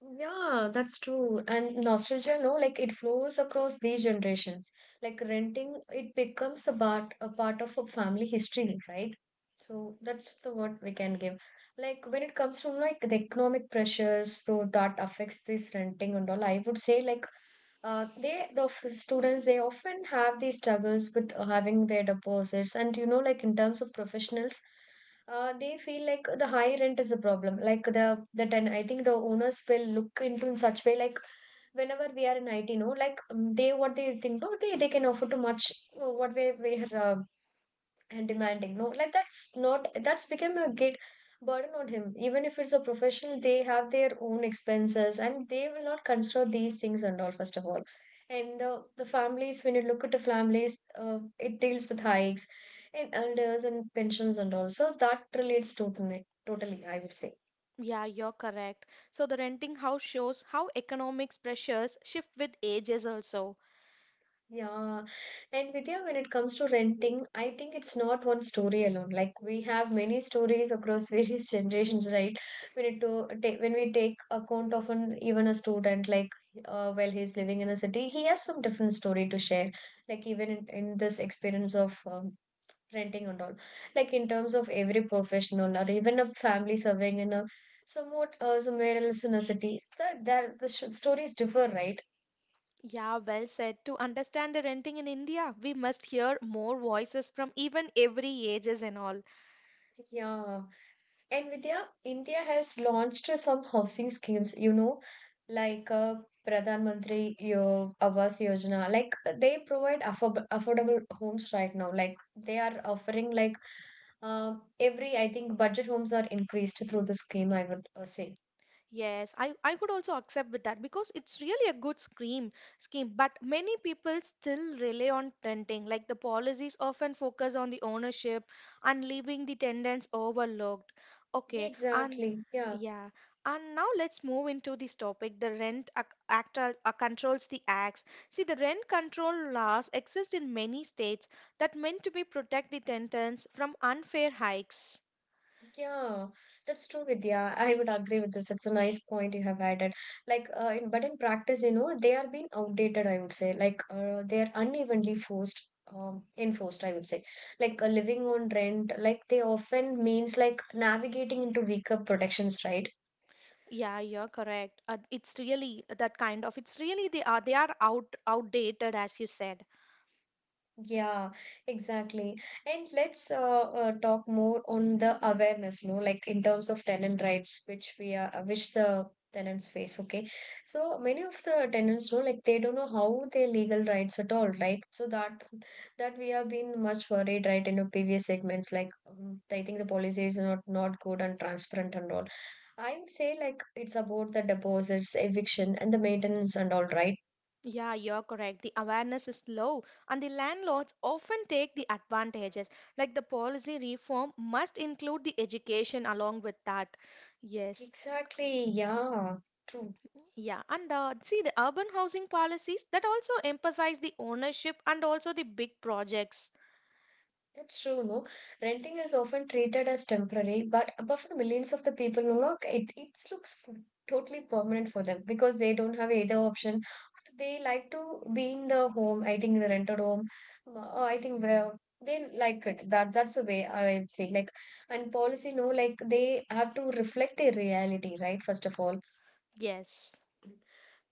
Yeah, that's true. And nostalgia, no, like it flows across these generations. Like renting, it becomes a part of a family history, right? So that's the what we can give. Like when it comes to like the economic pressures, so that affects this renting and all. I would say like they the students they often have these struggles with having their deposits, and you know like in terms of professionals they feel like the high rent is a problem. Like the I think the owners will look into in such way like whenever we are in IT, no, like they what they think, no, they can offer too much what we are and demanding, no like that's not, that's become a git burden on him even if it's a professional. They have their own expenses and they will not consider these things and all, first of all. And the families when you look at the families, it deals with hikes and elders and pensions and all. So that relates to it totally, I would say. Yeah, you're correct. So the renting house shows how economics pressures shift with ages also. Yeah, and Vidya, when it comes to renting, I think it's not one story alone. Like we have many stories across various generations, right? When we take account of an even a student, like while he's living in a city, he has some different story to share. Like even in this experience of renting and all, like in terms of every professional or even a family serving in a somewhat somewhere else in a city, that that the sh stories differ, right? Yeah, well said. To understand the renting in India, we must hear more voices from even every ages and all. Yeah. And Vidya, India has launched some housing schemes, you know, like Pradhan Mantri Awas Yojana. Like they provide affordable homes right now. Like they are offering like every I think budget homes are increased through the scheme. I would say. Yes, I could also accept with that because it's really a good scheme, but many people still rely on renting. Like the policies often focus on the ownership and leaving the tenants overlooked. Yeah, Okay, and exactly. Yeah. yeah, and now let's move into this topic. The Act controls the acts. See, the rent control laws exist in many states that meant to be protect the tenants from unfair hikes. Yeah, that's true, Vidya. I would agree with this. It's a nice point you have added. Like, but in practice, you know, they are being outdated, I would say. Like, they are enforced, I would say. Like, living on rent, like, they often means like navigating into weaker protections, right? Yeah, you're correct. It's really that kind of, it's really they are outdated as you said. Yeah, exactly. And let's talk more on the awareness, no, like in terms of tenant rights, which we which the tenants face. Okay, so many of the tenants, no, like they don't know how their legal rights at all, right? So that that we have been much worried, right, in the previous segments. Like, I think the policy is not good and transparent and all. I would say like it's about the deposits, eviction, and the maintenance and all, right? Yeah, you're correct. The awareness is low, and the landlords often take the advantages. Like the policy reform must include the education along with that. Yes, Exactly. Yeah. True. yeah, and see the urban housing policies that also emphasize the ownership and also the big projects. That's true, no? Renting is often treated as temporary, but for the millions of the people, no, it looks totally permanent for them because they don't have either option. They like to be in the home, I think the rented home, or I think where they like it. That's the way I would say. Like and policy, no, like they have to reflect their reality, right? First of all, Yes.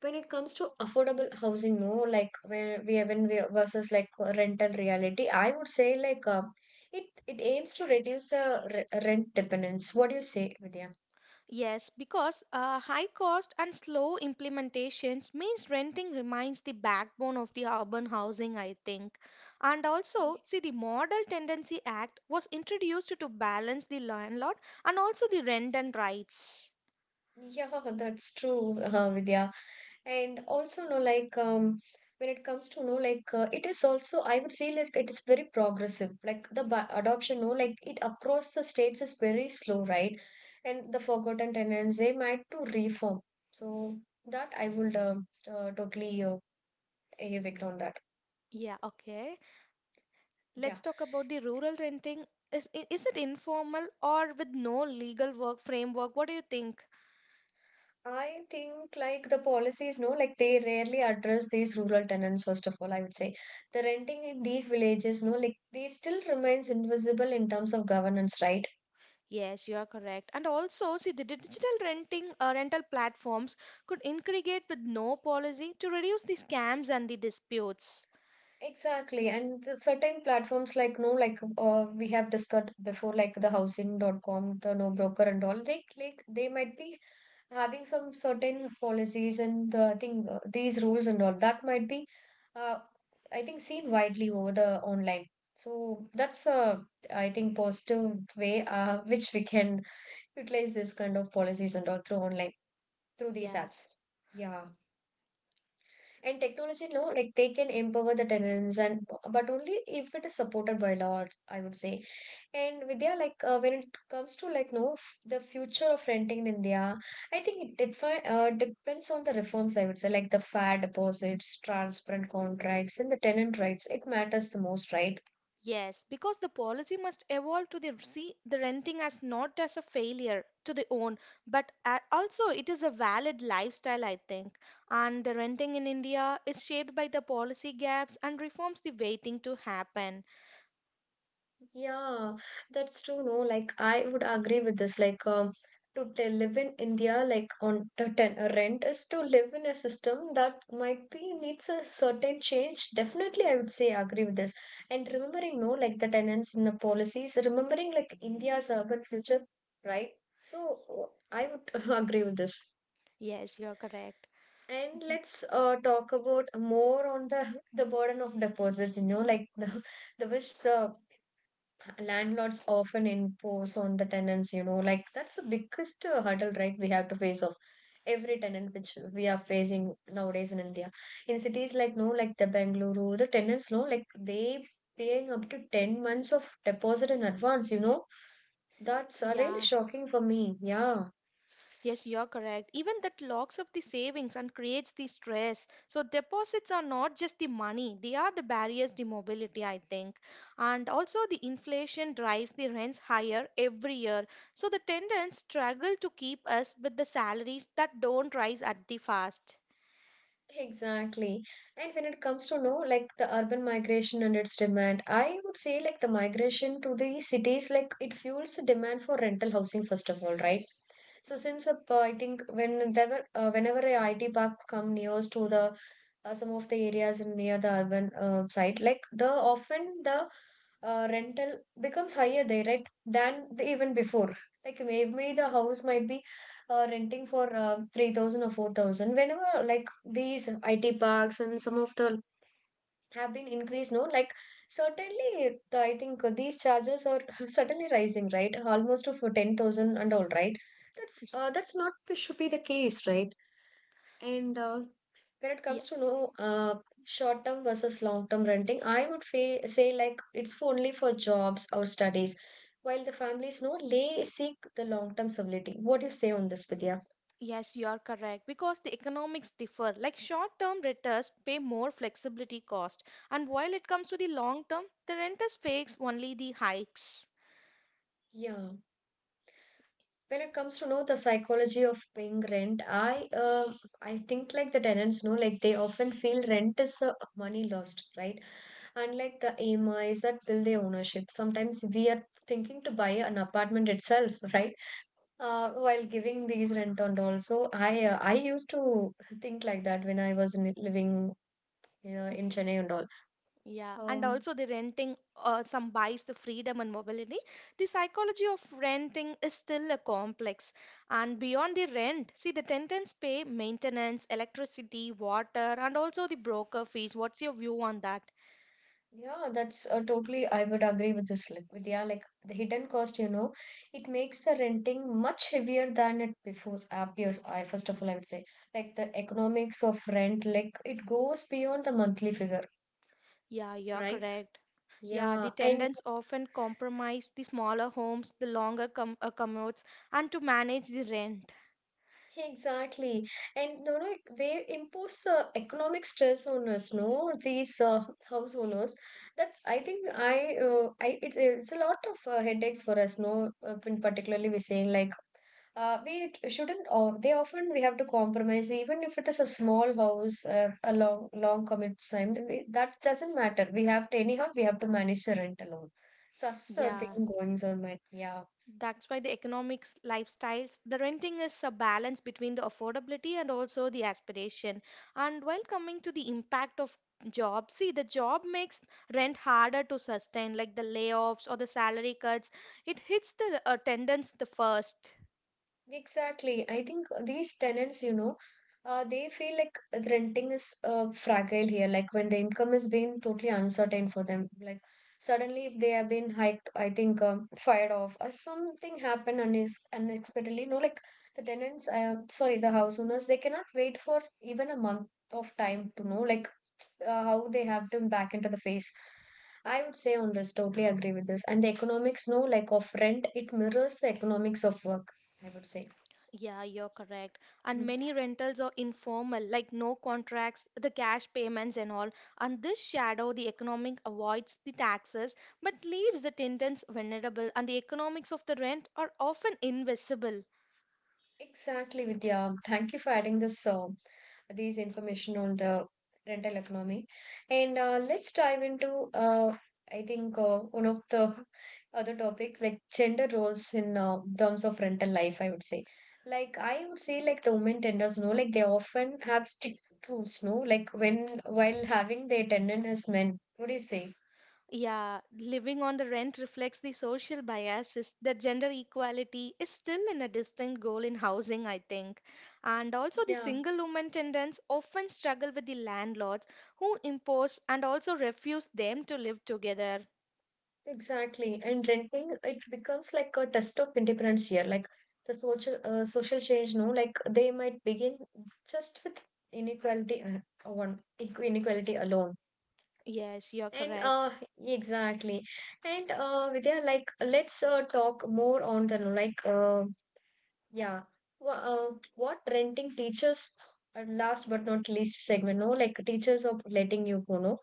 when it comes to affordable housing, no, like where we when we versus like rental reality, I would say like it it aims to reduce the rent dependence. What do you say, Vidya? Yes, because high cost and slow implementations means renting remains the backbone of the urban housing, I think. And Y- also, see, the Model Tendency Act was introduced to balance the landlord and also the rent and rights. yeah, that's true. Uh, Vidya, and also no like when it comes to no like it is also I would say like it is very progressive like the adoption no like it across the states is very slow, right? And the forgotten tenants, they might to reform. So that I would totally evict on that. Yeah, okay. Yeah, Let's talk about the rural renting. Is it informal or with no legal work framework? What do you think? I think like the policies, no, like they rarely address these rural tenants, first of all, I would say. The renting in these villages, no, like they still remains invisible in terms of governance, right? Yes, you are correct. And also, see, the digital renting rental platforms could integrate with no policy to reduce the scams and the disputes. Exactly, and the certain platforms like no, like we have discussed before, like the housing.com, the no broker and all, they like they might be having some certain policies, and I think these rules and all that might be, uh, I think seen widely over the online. So that's a, I think, positive way, which we can utilize this kind of policies and all through online, through these Yeah. apps. Yeah. And technology, no, like they can empower the tenants, and but only if it is supported by laws, I would say. And Vidya, like when it comes to like no, the future of renting in India, I think it depends on the reforms. I would say like the fair deposits, transparent contracts, and the tenant rights. It matters the most, right? Yes, because the policy must evolve to the see the renting as not as a failure to the own, but a also it is a valid lifestyle, I think. And the renting in India is shaped by the policy gaps and reforms the waiting to happen. Yeah, that's true. No, like I would agree with this. Like, to live in India, like on the ten rent, is to live in a system that might be needs a certain change. Definitely, I would say agree with this. And remembering, no, like the tenants in the policies, remembering like India's urban future, right? So I would agree with this. Yes, you're correct. And Mhm. let's talk about more on the the burden of deposits. You know, like the wish the landlords often impose on the tenants, you know, like that's the biggest hurdle, right? We have to face off every tenant which we are facing nowadays in India. In cities like no like the Bengaluru, the tenants no like they paying up to 10 months of deposit in advance, you know. That's really Yeah. shocking for me. Yeah, Yes, you're correct. Even that locks up the savings and creates the stress. So deposits are not just the money, they are the barriers to mobility, I think. And also the inflation drives the rents higher every year. So the tenants struggle to keep us with the salaries that don't rise at the fast. exactly. And when it comes to know like the urban migration and its demand, I would say like the migration to the cities like it fuels the demand for rental housing first of all, right? So since I think whenever a IT parks come near to the some of the areas in near the urban site, like the often the rental becomes higher there, right, than the, even before. Like maybe the house might be renting for 3,000 or 4,000. Whenever like these IT parks and some of the have been increased, no, like certainly the, I think these charges are certainly rising right almost to for 10,000 and all, right? That's that's not should be the case, right? And when it Yeah. comes to no short term versus long term renting, I would say like it's for only for jobs or studies while the families no they seek the long term stability. What do you say on this, Vidya? Yes, you are correct because the economics differ. Like short-term renters pay more flexibility cost, and while it comes to the long term, the renters face only the hikes. Yeah, when it comes to know the psychology of paying rent, I think like the tenants know like they often feel rent is money lost, right? Unlike the AM is that build their ownership. Sometimes we are thinking to buy an apartment itself, right? Uh, while giving these rent on all. So I used to think like that when I was in, living, you know, in Chennai and all. Yeah, and um also the renting some buys the freedom and mobility. The psychology of renting is still a complex. And beyond the rent, see the tenants pay maintenance, electricity, water, and also the broker fees. What's your view on that? Yeah, that's totally. I would agree with this. Like, with, yeah, like the hidden cost, you know, it makes the renting much heavier than it before appears. I, first of all, I would say, like the economics of rent, like it goes beyond the monthly figure, Yeah, you're right? correct. Yeah, Yeah, the and tenants often compromise the smaller homes, the longer commutes, and to manage the rent. exactly. And no, no, they impose economic stress on us, no, these house owners. That's, I think, I it, it's a lot of headaches for us, no, in particularly we're saying like, we shouldn't, or they often we have to compromise, even if it is a small house, a long, long commute time, we, that doesn't matter. We have to, anyhow, we have to manage the rent alone. Such a Yeah. thing goings on, my, yeah. That's why the economics, lifestyles, the renting is a balance between the affordability and also the aspiration. And while coming to the impact of job, see the job makes rent harder to sustain, like the layoffs or the salary cuts. It hits the attendance the first. Exactly. I think these tenants, you know, they feel like renting is fragile here. Like when the income is being totally uncertain for them, like suddenly if they have been hiked, I think fired off or something happened unexpectedly. No, like the tenants, sorry, the house owners, they cannot wait for even a month of time to know like how they have to back into the face. I would say on this, totally agree with this. And the economics, no, like of rent, it mirrors the economics of work. I would say. Yeah, you're correct. And Mhm. many rentals are informal, like no contracts, the cash payments and all. And this shadow, the economic avoids the taxes but leaves the tenants vulnerable. And the economics of the rent are often invisible. Exactly, Vidya. Thank you for adding this these information on the rental economy. And let's dive into I think one of the other topic like gender roles in terms of rental life. I would say, like I would say, like the women tenders, no, like they often have strict rules, no, like when while having their tenant as men. What do you say? Yeah, living on the rent reflects the social biases that gender equality is still in a distinct goal in housing, I think. And also, the Yeah. single woman tenants often struggle with the landlords who impose and also refuse them to live together. Exactly. And renting, it becomes like a test of independence here. Like the social change, no, like they might begin just with inequality uh, inequality alone. Yes, you're And correct. Exactly. And uh, Vidya, like let's talk more on the like yeah. Wha- Uh, what renting teachers, last but not least segment, no, like teachers of letting you go, no.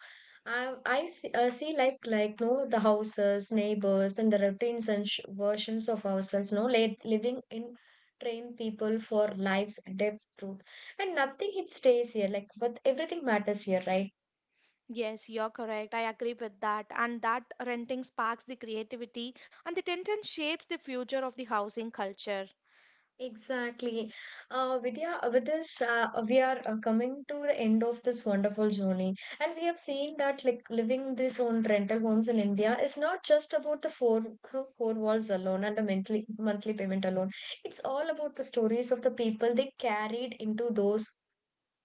I see, see like no the houses, neighbors, and the routines and sh versions of ourselves, no, like living in train people for life's depth truth, and nothing it stays here. Like but everything matters here, right? Yes, you're correct. I agree with that. And that renting sparks the creativity and the tension shapes the future of the housing culture. Exactly. Vidya, with this, we are coming to the end of this wonderful journey. And we have seen that like living these own rental homes in India is not just about the four walls alone and the monthly payment alone. It's all about the stories of the people they carried into those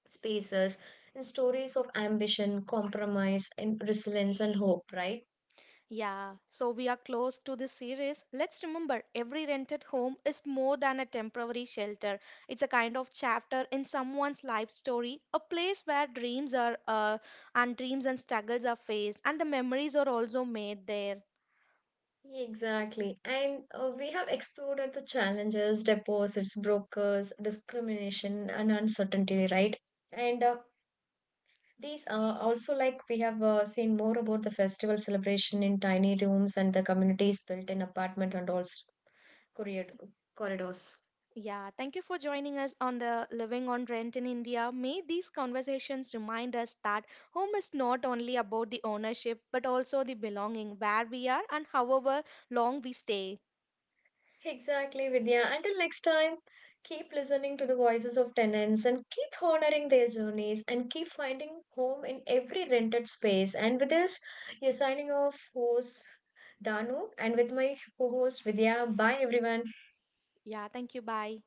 spaces and stories of ambition, compromise, and resilience and hope, right? Yeah, so we are close to this series. Let's remember every rented home is more than a temporary shelter. It's a kind of chapter in someone's life story, a place where dreams and struggles are faced, and the memories are also made there. Exactly. And we have explored the challenges, deposits, brokers, discrimination, and uncertainty, right? And these are also like we have seen more about the festival celebration in tiny rooms and the communities built in apartment and also corrid- corridors. Yeah, thank you for joining us on the Living on Rent in India. May these conversations remind us that home is not only about the ownership but also the belonging, where we are and however long we stay. Exactly, Vidya. Until next time, keep listening to the voices of tenants and keep honoring their journeys and keep finding home in every rented space. And with this, you're signing off, host Danu, and with my co host Vidya. Bye, everyone. Yeah, thank you. Bye.